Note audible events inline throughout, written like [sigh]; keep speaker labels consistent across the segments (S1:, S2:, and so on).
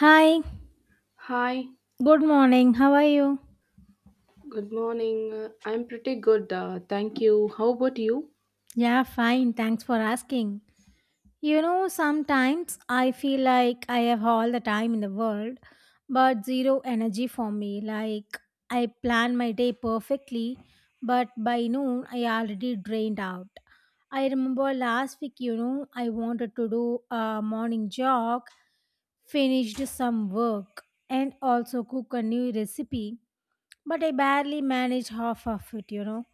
S1: Hi,
S2: Hi,
S1: good morning. How are you?
S2: good morning. I'm pretty good, thank you. How about you?
S1: Yeah, fine. Thanks for asking. You know, sometimes I feel like I have all the time in the world, but zero energy for me. Like, I plan my day perfectly, but by noon, I already drained out. I remember last week, you know, I wanted to do a morning jog, finished some work, and also cook a new recipe, but I barely managed half of it.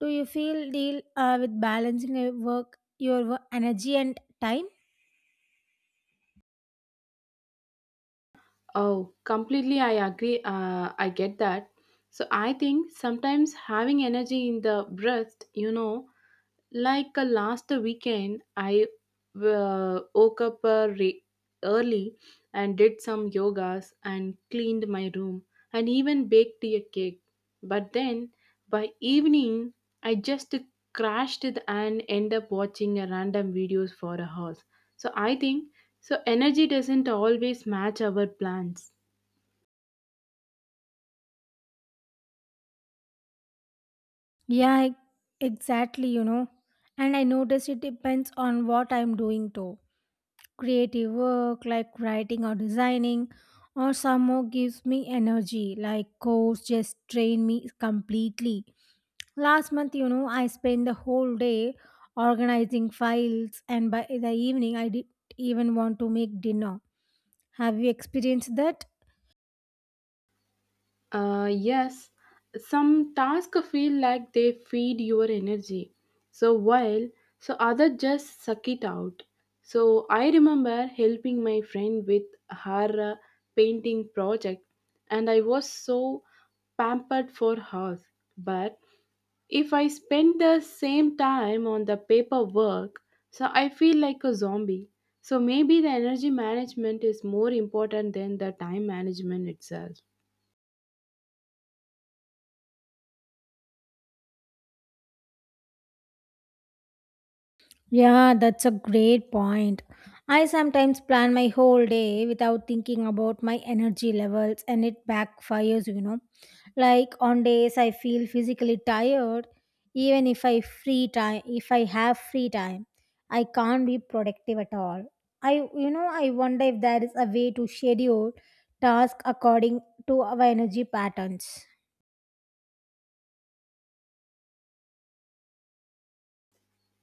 S1: Do you feel deal with balancing your work, energy and time?
S2: Oh, completely, I agree. I get that. So, I think sometimes having energy in the breast, you know, like last weekend, I woke up early and did some yogas and cleaned my room and even baked a cake. But then by evening, I just crashed it and end up watching a random videos for a house. So I think so energy doesn't always match our plans.
S1: Yeah, exactly, you know. And I notice it depends on what I'm doing too. Creative work like writing or designing or some more gives me energy like course just drain me completely. Last month, you know, I spent the whole day organizing files and by the evening I didn't even want to make dinner. Have you experienced that?
S2: Yes, some tasks feel like they feed your energy. So while so other just suck it out. So I remember helping my friend with her painting project, and I was so pampered for her. But if I spend the same time on the paperwork, so I feel like a zombie. So maybe the energy management is more important than the time management itself.
S1: Yeah, that's a great point. I sometimes plan my whole day without thinking about my energy levels and it backfires, you know. Like on days I feel physically tired, even if I free time if I have free time, I can't be productive at all. I wonder if there is a way to schedule tasks according to our energy patterns.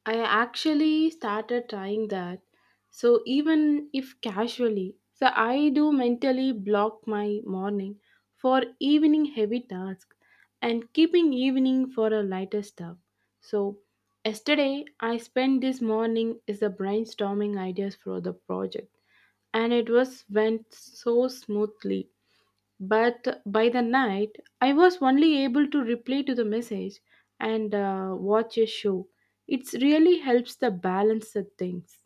S2: I actually started trying that. So even if casually, so I do mentally block my morning for evening heavy tasks and keeping evening for a lighter stuff. So yesterday I spent this morning is the brainstorming ideas for the project and it was went so smoothly, but by the night, I was only able to reply to the message and watch a show. It really helps the balance the things.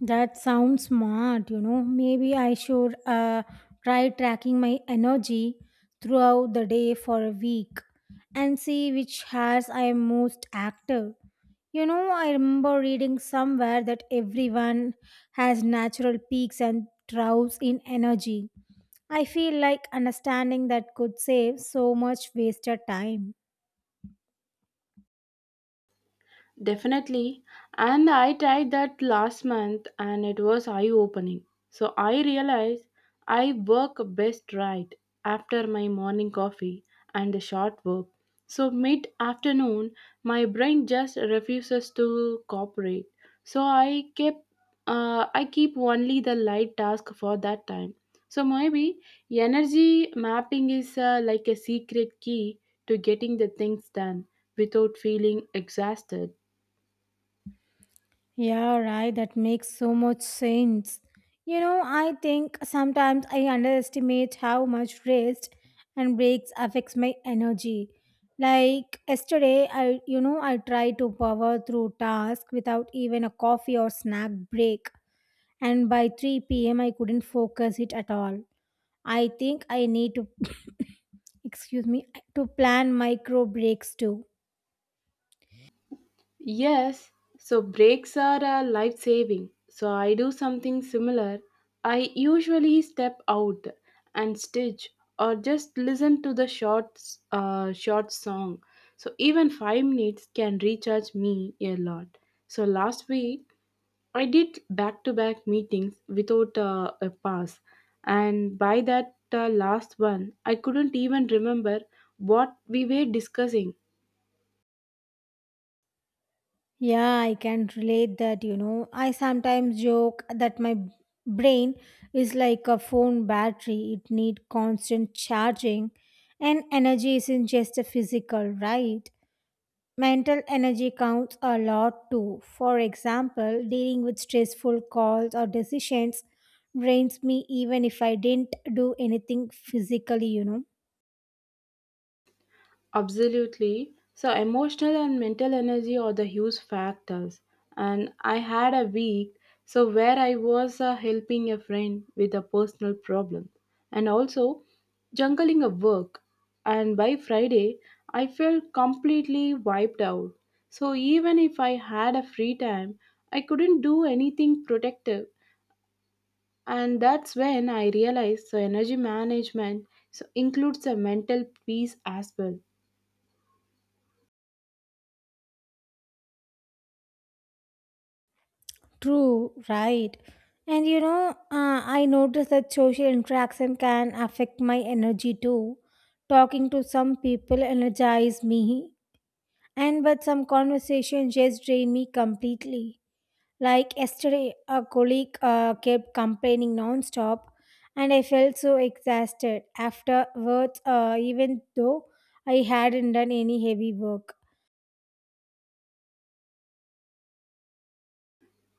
S1: That sounds smart, you know. Maybe I should try tracking my energy throughout the day for a week and see which hours I am most active. You know, I remember reading somewhere that everyone has natural peaks and troughs in energy. I feel like understanding that could save so much wasted time.
S2: Definitely. And I tried that last month and it was eye opening. So I realized I work best right after my morning coffee and a short work. So mid afternoon, my brain just refuses to cooperate. So I keep only the light task for that time. So maybe energy mapping is like a secret key to getting the things done without feeling exhausted.
S1: Yeah, right. That makes so much sense. You know, I think sometimes I underestimate how much rest and breaks affects my energy. Like yesterday, I you know I tried to power through task without even a coffee or snack break, and by 3 p.m. I couldn't focus it at all. I think I need to [coughs] excuse me to plan micro breaks too.
S2: Yes, so breaks are a life saving. So I do something similar. I usually step out and stitch or just listen to the short short song. So even 5 minutes can recharge me a lot. So last week I did back to back meetings without a pass and by that last one I couldn't even remember what we were discussing.
S1: Yeah, I can relate that, you know. I sometimes joke that my brain is like a phone battery. It need constant charging and energy isn't just a physical, right? Mental energy counts a lot too. For example, dealing with stressful calls or decisions drains me even if I didn't do anything physically, you know.
S2: Absolutely. So, emotional and mental energy are the huge factors. And I had a week so where I was helping a friend with a personal problem and also juggling a work. And by Friday, I felt completely wiped out. So, even if I had a free time, I couldn't do anything productive. And that's when I realized so energy management so includes a mental peace as well.
S1: True, right. And you know, I noticed that social interaction can affect my energy too. Talking to some people energize me, and but some conversations just drain me completely. Like yesterday, a colleague kept complaining nonstop, and I felt so exhausted afterwards, even though I hadn't done any heavy work.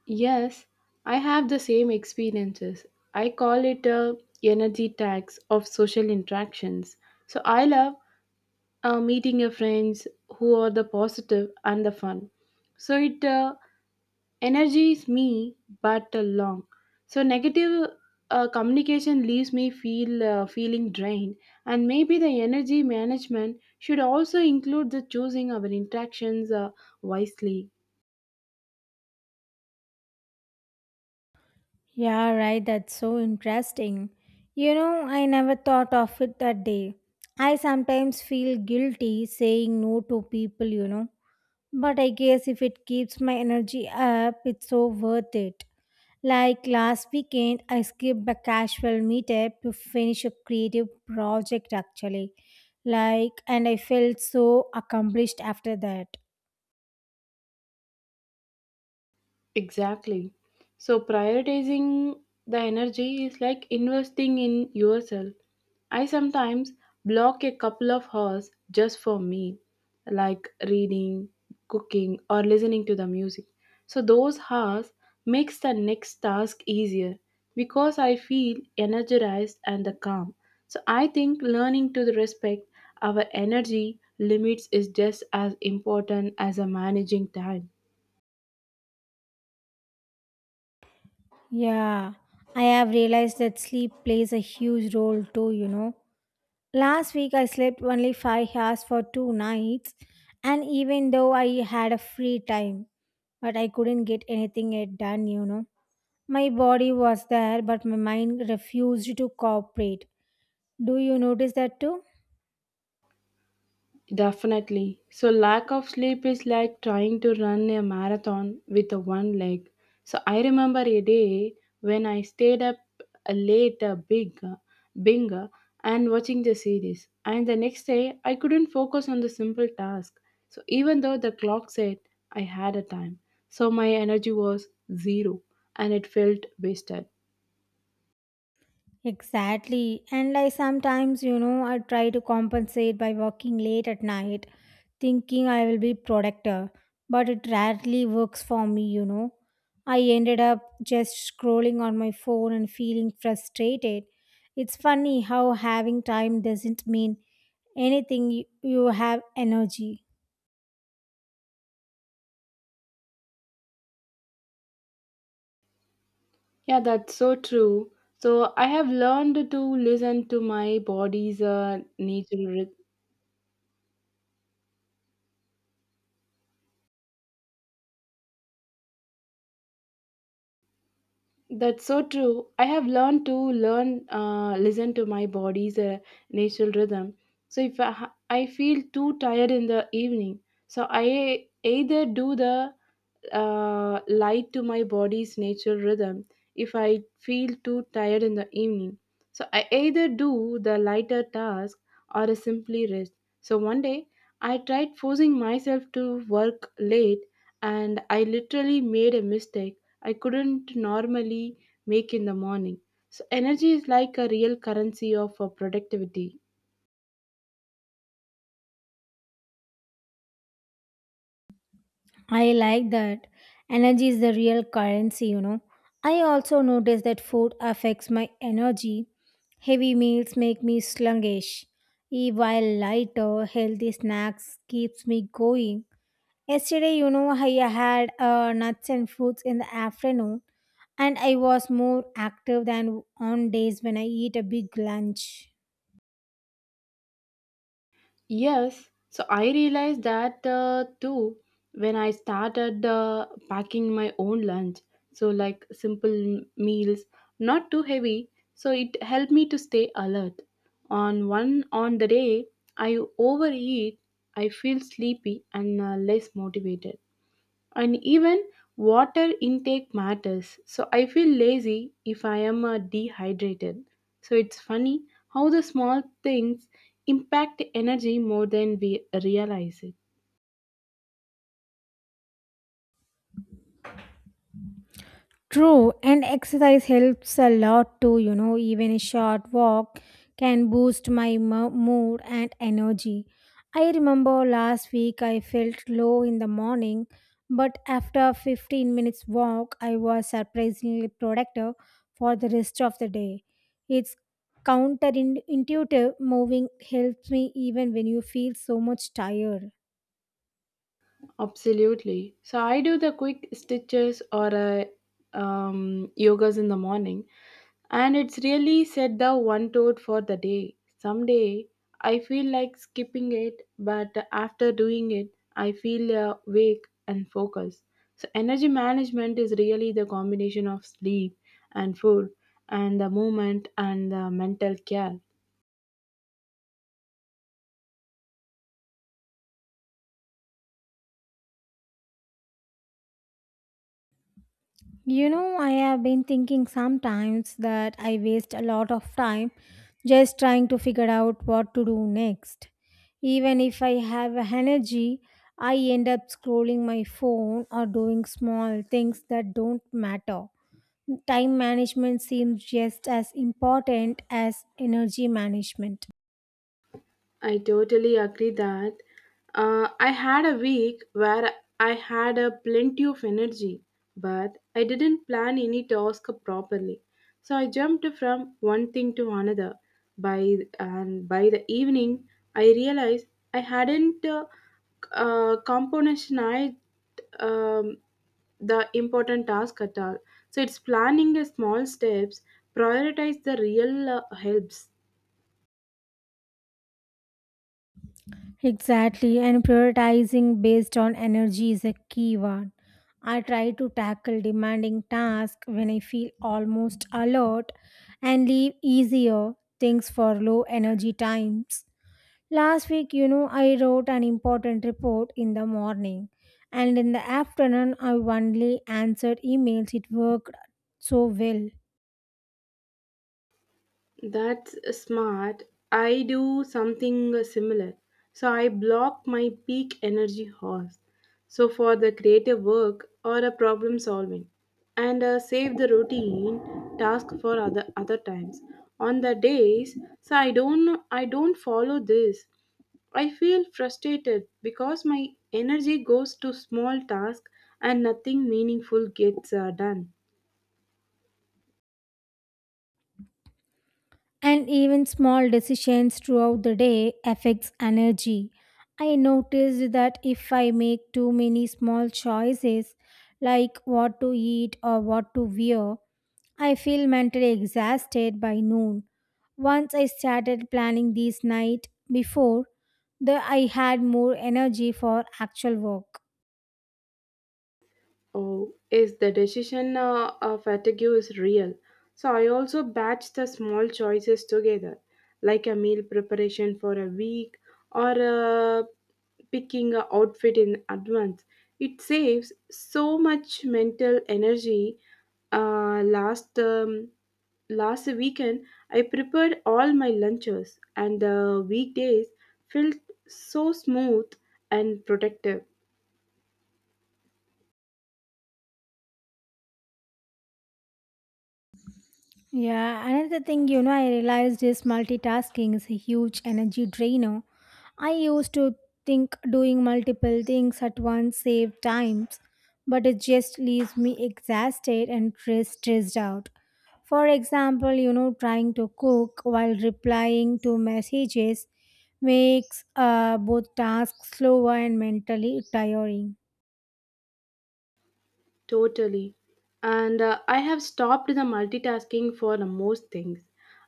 S2: Yes, I have the same experiences. I call it a energy tax of social interactions. So I love meeting your friends who are the positive and the fun. So it energizes me but long. So negative communication leaves me feeling drained, and maybe the energy management should also include the choosing our interactions wisely.
S1: Yeah, right. That's so interesting. You know, I never thought of it that day. I sometimes feel guilty saying no to people, you know. But I guess if it keeps my energy up, it's so worth it. Like last weekend, I skipped a casual meetup to finish a creative project actually. Like, and I felt so accomplished after that.
S2: Exactly. So prioritizing the energy is like investing in yourself. I sometimes block a couple of hours just for me, like reading, cooking, or listening to the music. So those hours makes the next task easier because I feel energized and the calm. So I think learning to respect our energy limits is just as important as a managing time.
S1: Yeah, I have realized that sleep plays a huge role too. Last week I slept only 5 hours for 2 nights, and even though I had a free time, but I couldn't get anything yet done. My body was there, but my mind refused to cooperate. Do you notice that too?
S2: Definitely. So, lack of sleep is like trying to run a marathon with a one leg. So, I remember a day when I stayed up late, bing, uh, and watching the series. And the next day, I couldn't focus on the simple task. So, even though the clock said I had a time, so my energy was zero and it felt wasted.
S1: Exactly. And I sometimes, I try to compensate by working late at night, thinking I will be productive, but it rarely works for me, you know. I ended up just scrolling on my phone and feeling frustrated. It's funny how having time doesn't mean anything you have energy.
S2: Yeah, that's so true. So, I have learned to listen to my body's natural rhythm. That's so true. I have learned to learn listen to my body's natural rhythm. So if I feel too tired in the evening, so I either do the light to my body's natural rhythm. If I feel too tired in the evening, so I either do the lighter task or a simply rest. So one day I tried forcing myself to work late, and I literally made a mistake I couldn't normally make in the morning. So, energy is like a real currency of productivity.
S1: I like that. Energy is the real currency, you know. I also notice that food affects my energy. Heavy meals make me sluggish, while lighter, healthy snacks keeps me going. Yesterday, you know, I had nuts and fruits in the afternoon, and I was more active than on days when I eat a big lunch.
S2: Yes, so I realized that too when I started packing my own lunch. So, like simple meals, not too heavy, so it helped me to stay alert. On the day I overeat, I feel sleepy and less motivated. And even water intake matters. So I feel lazy if I am dehydrated. So it's funny how the small things impact energy more than we realize it.
S1: True, and exercise helps a lot too, you know, even a short walk can boost my mood and energy. I remember last week I felt low in the morning, but after 15 minutes walk, I was surprisingly productive for the rest of the day. It's counterintuitive moving helps me even when you feel so much tired.
S2: Absolutely. So I do the quick stitches or yogas in the morning, and it's really set the one tone for the day. Someday I feel like skipping it, but after doing it, I feel awake and focused. So energy management is really the combination of sleep and food and the movement and the mental care.
S1: You know, I have been thinking sometimes that I waste a lot of time just trying to figure out what to do next. Even if I have energy, I end up scrolling my phone or doing small things that don't matter. Time management seems just as important as energy management.
S2: I totally agree that I had a week where I had a plenty of energy, but I didn't plan any task properly. So I jumped from one thing to another. By the evening, I realized I hadn't componentized um, the important task at all. So it's planning a small steps, prioritize the real helps.
S1: Exactly, and prioritizing based on energy is a key one. I try to tackle demanding tasks when I feel almost alert and leave easier things for low energy times. Last week, you know, I wrote an important report in the morning, and in the afternoon, I only answered emails. It worked so well.
S2: That's smart. I do something similar. So I block my peak energy hours. So for the creative work or a problem solving and save the routine task for other times. On the days so I don't follow this. I feel frustrated because my energy goes to small tasks and nothing meaningful gets done.
S1: And even small decisions throughout the day affects energy. I noticed that if I make too many small choices like what to eat or what to wear, I feel mentally exhausted by noon. Once I started planning these night before, the I had more energy for actual work.
S2: Oh, is the decision fatigue is real. So I also batch the small choices together, like a meal preparation for a week or picking a outfit in advance. It saves so much mental energy. Uh, last um, last weekend, I prepared all my lunches, and the weekdays felt so smooth and protective.
S1: Yeah, another thing, I realized is multitasking is a huge energy drainer. I used to think doing multiple things at once saved times, but it just leaves me exhausted and stressed out. For example, you know, trying to cook while replying to messages makes both tasks slower and mentally tiring.
S2: Totally. And I have stopped the multitasking for the most things.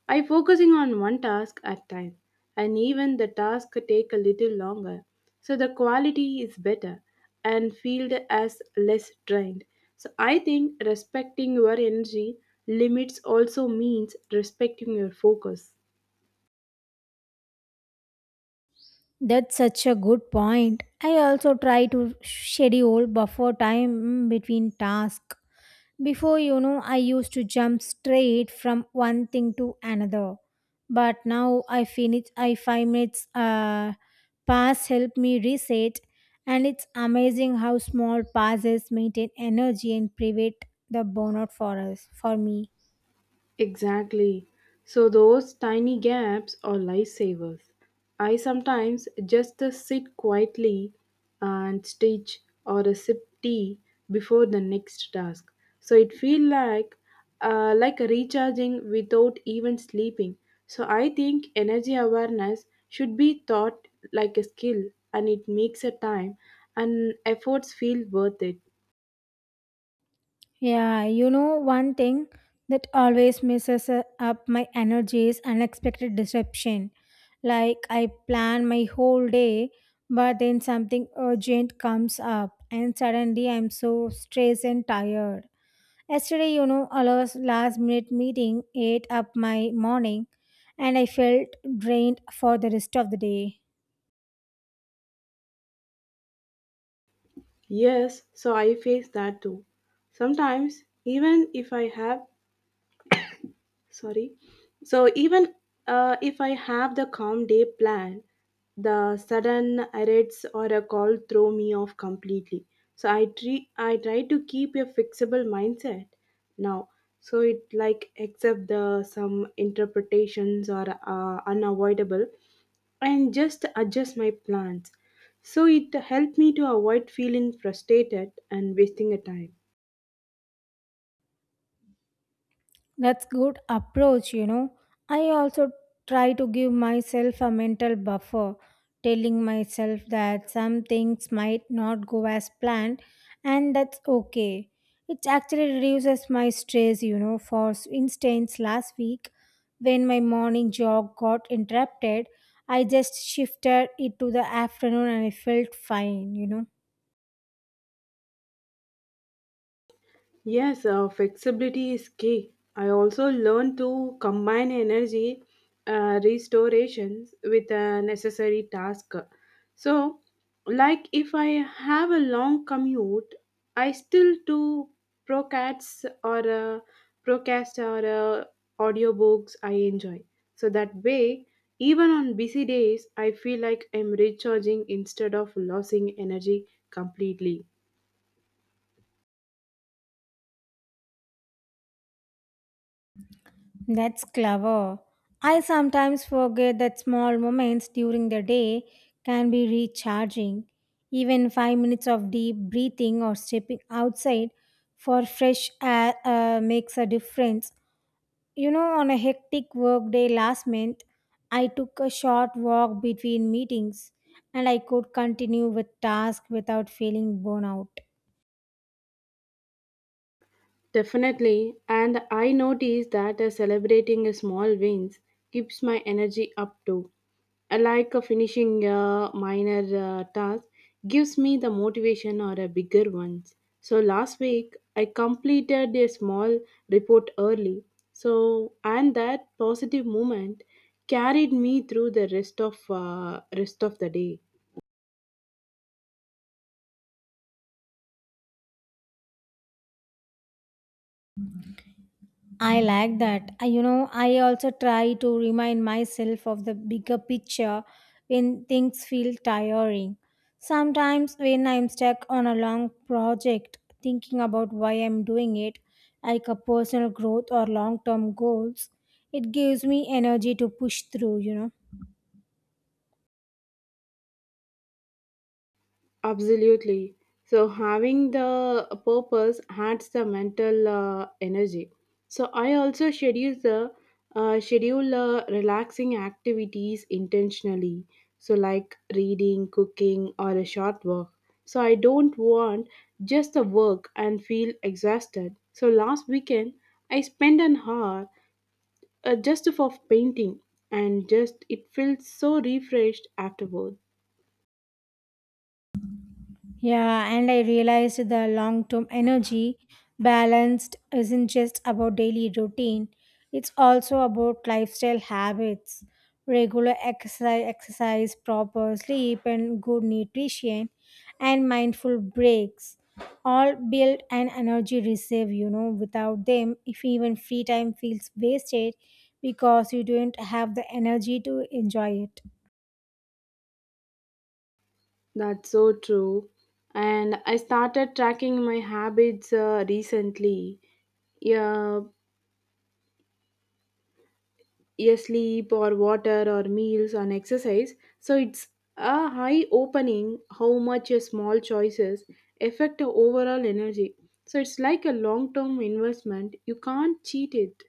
S2: I focusing on one task at time, and even the task take a little longer. So the quality is better and feel as less drained. So I think respecting your energy limits also means respecting your focus.
S1: That's such a good point. I also try to schedule buffer time between tasks. Before, you know, I used to jump straight from one thing to another. But now I finish, I five minutes pass help me reset. And it's amazing how small passes maintain energy and prevent the burnout for us, for me.
S2: Exactly. So those tiny gaps are lifesavers. I sometimes just sit quietly and stitch or a sip tea before the next task. So it feels like recharging without even sleeping. So I think energy awareness should be taught like a skill, and it makes a time and efforts feel worth it.
S1: Yeah, you know, one thing that always messes up my energy is unexpected disruption. Like, I plan my whole day, but then something urgent comes up, and suddenly I'm so stressed and tired. Yesterday, you know, a last minute meeting ate up my morning, and I felt drained for the rest of the day.
S2: Yes, so I face that too. Sometimes, even if I have sorry, so even if I have the calm day plan, the sudden errors or a call throw me off completely. So I try to keep a fixable mindset now, so it like accept the some interpretations are unavoidable and just adjust my plans. So it helped me to avoid feeling frustrated and wasting a time.
S1: That's good approach, you know. I also try to give myself a mental buffer, telling myself that some things might not go as planned and that's okay. It actually reduces my stress, you know. For instance, last week when my morning jog got interrupted, I just shifted it to the afternoon and I felt fine, you know.
S2: Yes, flexibility is key. I also learned to combine energy restorations with a necessary task. So, like if I have a long commute, I still do procasts or uh, procast or audiobooks I enjoy. So that way, even on busy days, I feel like I'm recharging instead of losing energy completely.
S1: That's clever. I sometimes forget that small moments during the day can be recharging. Even 5 minutes of deep breathing or stepping outside for fresh air makes a difference. You know, on a hectic workday last month, I took a short walk between meetings and I could continue with tasks without feeling burnout.
S2: Definitely, and I notice that celebrating small wins keeps my energy up too. I like finishing a minor task gives me the motivation or a bigger ones. So last week I completed a small report early. So and that positive moment carried me through the rest of the day.
S1: I like that. You know, I also try to remind myself of the bigger picture when things feel tiring. Sometimes, when I'm stuck on a long project, thinking about why I'm doing it, like a personal growth or long term goals, it gives me energy to push through, you know.
S2: Absolutely. So having the purpose adds the mental energy. So I also schedule relaxing activities intentionally. So like reading, cooking, or a short walk. So I don't want just the work and feel exhausted. So last weekend I spent an hour just for painting, and just it felt so refreshed afterward.
S1: Yeah, and I realized the long term energy balanced isn't just about daily routine, it's also about lifestyle habits, regular exercise, proper sleep, and good nutrition, and mindful breaks. All build an energy reserve, you know. Without them, if even free time feels wasted because you don't have the energy to enjoy it.
S2: That's so true. And I started tracking my habits recently. Yeah, yeah, sleep or water or meals and exercise. So it's a high opening how much your small choices affect your overall energy. So it's like a long term investment. You can't cheat it.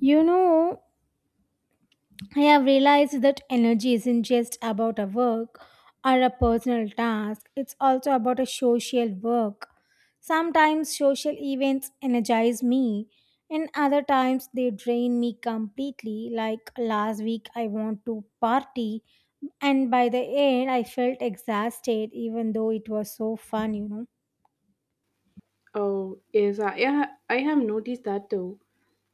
S1: You know, I have realized that energy isn't just about a work or a personal task, it's also about a social work. Sometimes social events energize me, and other times they drain me completely. Like last week, I want to party, and by the end, I felt exhausted, even though it was so fun, you know.
S2: Oh, yes, I have noticed that too.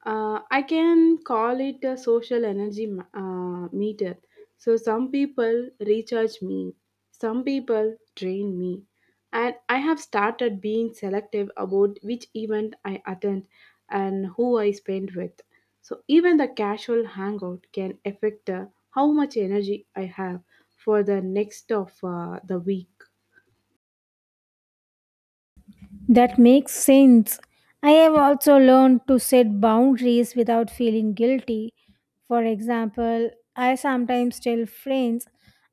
S2: I can call it a social energy meter. So, some people recharge me, some people drain me. And I have started being selective about which event I attend and who I spend with. So, even the casual hangout can affect how much energy I have for the next of the week.
S1: That makes sense. I have also learned to set boundaries without feeling guilty. For example, I sometimes tell friends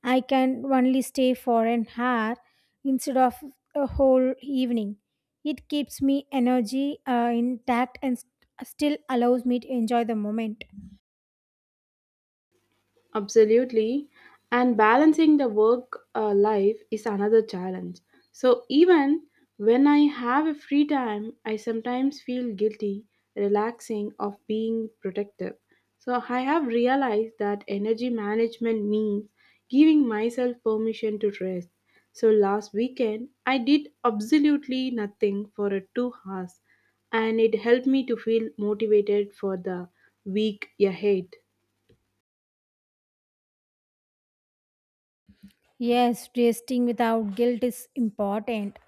S1: I can only stay for an hour instead of a whole evening. It keeps me energy intact and still allows me to enjoy the moment.
S2: Absolutely. And balancing the work life is another challenge. So, even when I have a free time, I sometimes feel guilty, relaxing, of being protective. So, I have realized that energy management means giving myself permission to rest. So, last weekend, I did absolutely nothing for 2 hours, and it helped me to feel motivated for the week ahead.
S1: Yes, resting without guilt is important.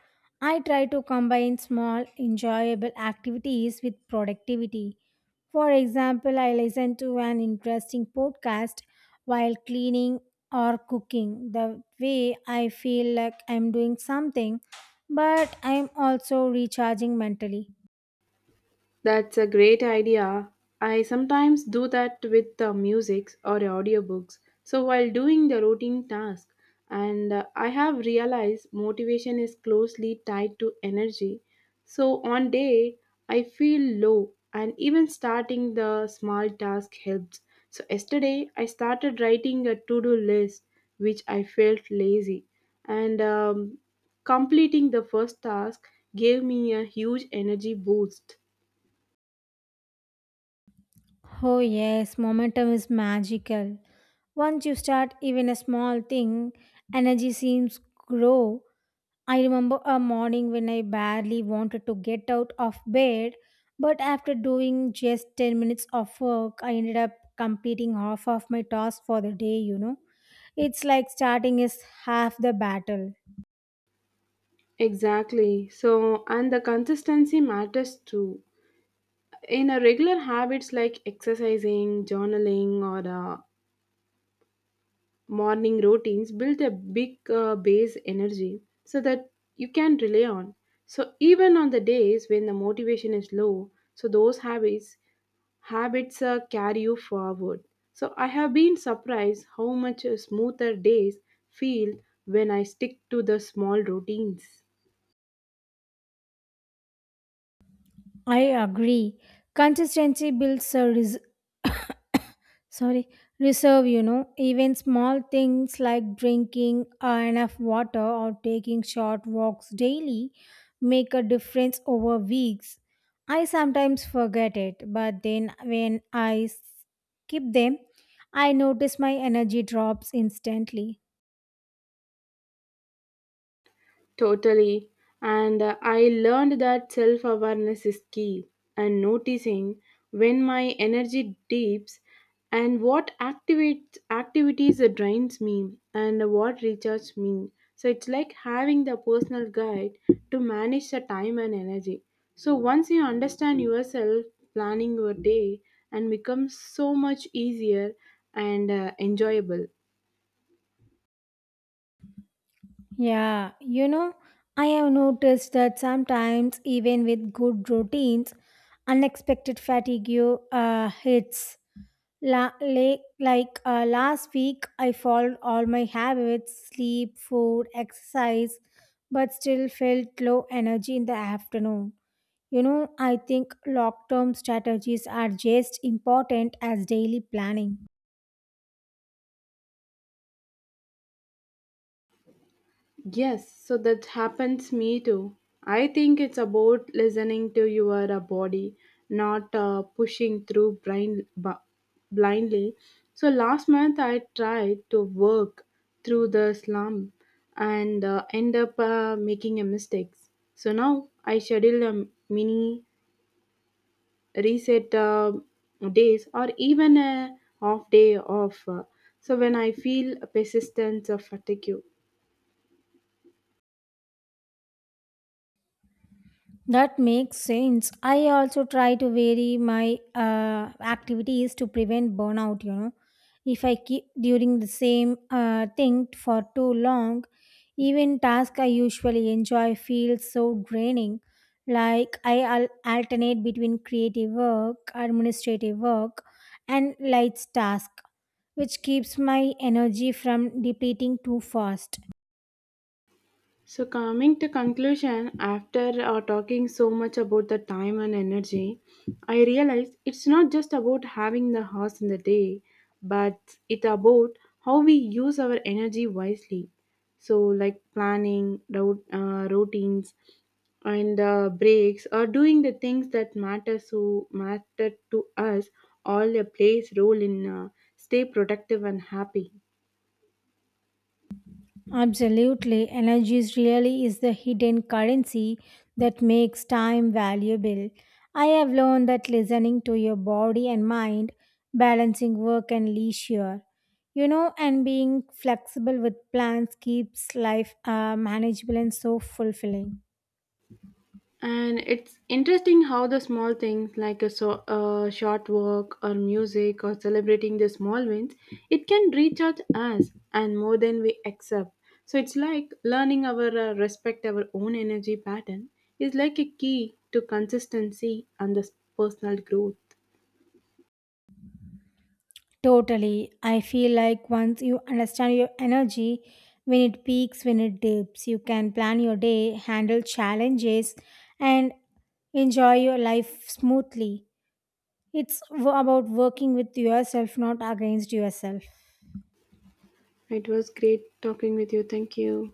S1: I try to combine small, enjoyable activities with productivity. For example, I listen to an interesting podcast while cleaning or cooking. The way I feel like I'm doing something, but I'm also recharging mentally.
S2: That's a great idea. I sometimes do that with music or audiobooks. So while doing the routine task, and I have realized motivation is closely tied to energy. So on day I feel low, and even starting the small task helps. So yesterday I started writing a to-do list, which I felt lazy, and completing the first task gave me a huge energy boost.
S1: Oh, yes, momentum is magical. Once you start even a small thing, energy seems grow. I remember a morning when I barely wanted to get out of bed, but after doing just 10 minutes of work, I ended up completing half of my task for the day, you know. It's like starting is half the battle.
S2: Exactly. So, and the consistency matters too. In a regular habits like exercising, journaling, or morning routines, build a big base energy so that you can rely on. So, even on the days when the motivation is low, so those habits carry you forward. So, I have been surprised how much smoother days feel when I stick to the small routines.
S1: I agree. Consistency builds a, sorry, reserve. Even small things like drinking enough water or taking short walks daily make a difference over weeks. I sometimes forget it, but then when I skip them, I notice my energy drops instantly.
S2: Totally. And I learned that self awareness is key, and noticing when my energy dips and what activities drains me and what recharges me. So it's like having the personal guide to manage the time and energy. So once you understand yourself, planning your day and becomes so much easier and enjoyable.
S1: Yeah, you know, I have noticed that sometimes even with good routines unexpected fatigue hits. Like, last week, I followed all my habits sleep, food, exercise, but still felt low energy in the afternoon. You know, I think long term strategies are just important as daily planning.
S2: Yes, so that happens me too. I think it's about listening to your body, not pushing through blindly. So last month I tried to work through the slump and end up making a mistakes. So now I schedule a mini reset days or even a off day off. So when I feel persistence of fatigue.
S1: That makes sense. I also try to vary my activities to prevent burnout, you know. If I keep during the same thing for too long, even tasks I usually enjoy feel so draining. Like I alternate between creative work, administrative work, and light tasks, which keeps my energy from depleting too fast.
S2: So, coming to conclusion, after talking so much about the time and energy, I realized it's not just about having the hours in the day, but it about how we use our energy wisely. So, like planning, routines, and breaks, or doing the things that matter to us, all plays role in stay productive and happy.
S1: Absolutely. Energy is really is the hidden currency that makes time valuable. I have learned that listening to your body and mind, balancing work and leisure, you know, and being flexible with plans keeps life manageable and so fulfilling.
S2: And it's interesting how the small things like a, so, a short walk or music or celebrating the small wins, it can reach out us and more than we accept. So it's like learning our respect our own energy pattern is like a key to consistency and the personal growth.
S1: Totally. I feel like once you understand your energy, when it peaks, when it dips, you can plan your day, handle challenges, and enjoy your life smoothly. It's about working with yourself, not against yourself.
S2: It was great talking with you. Thank you.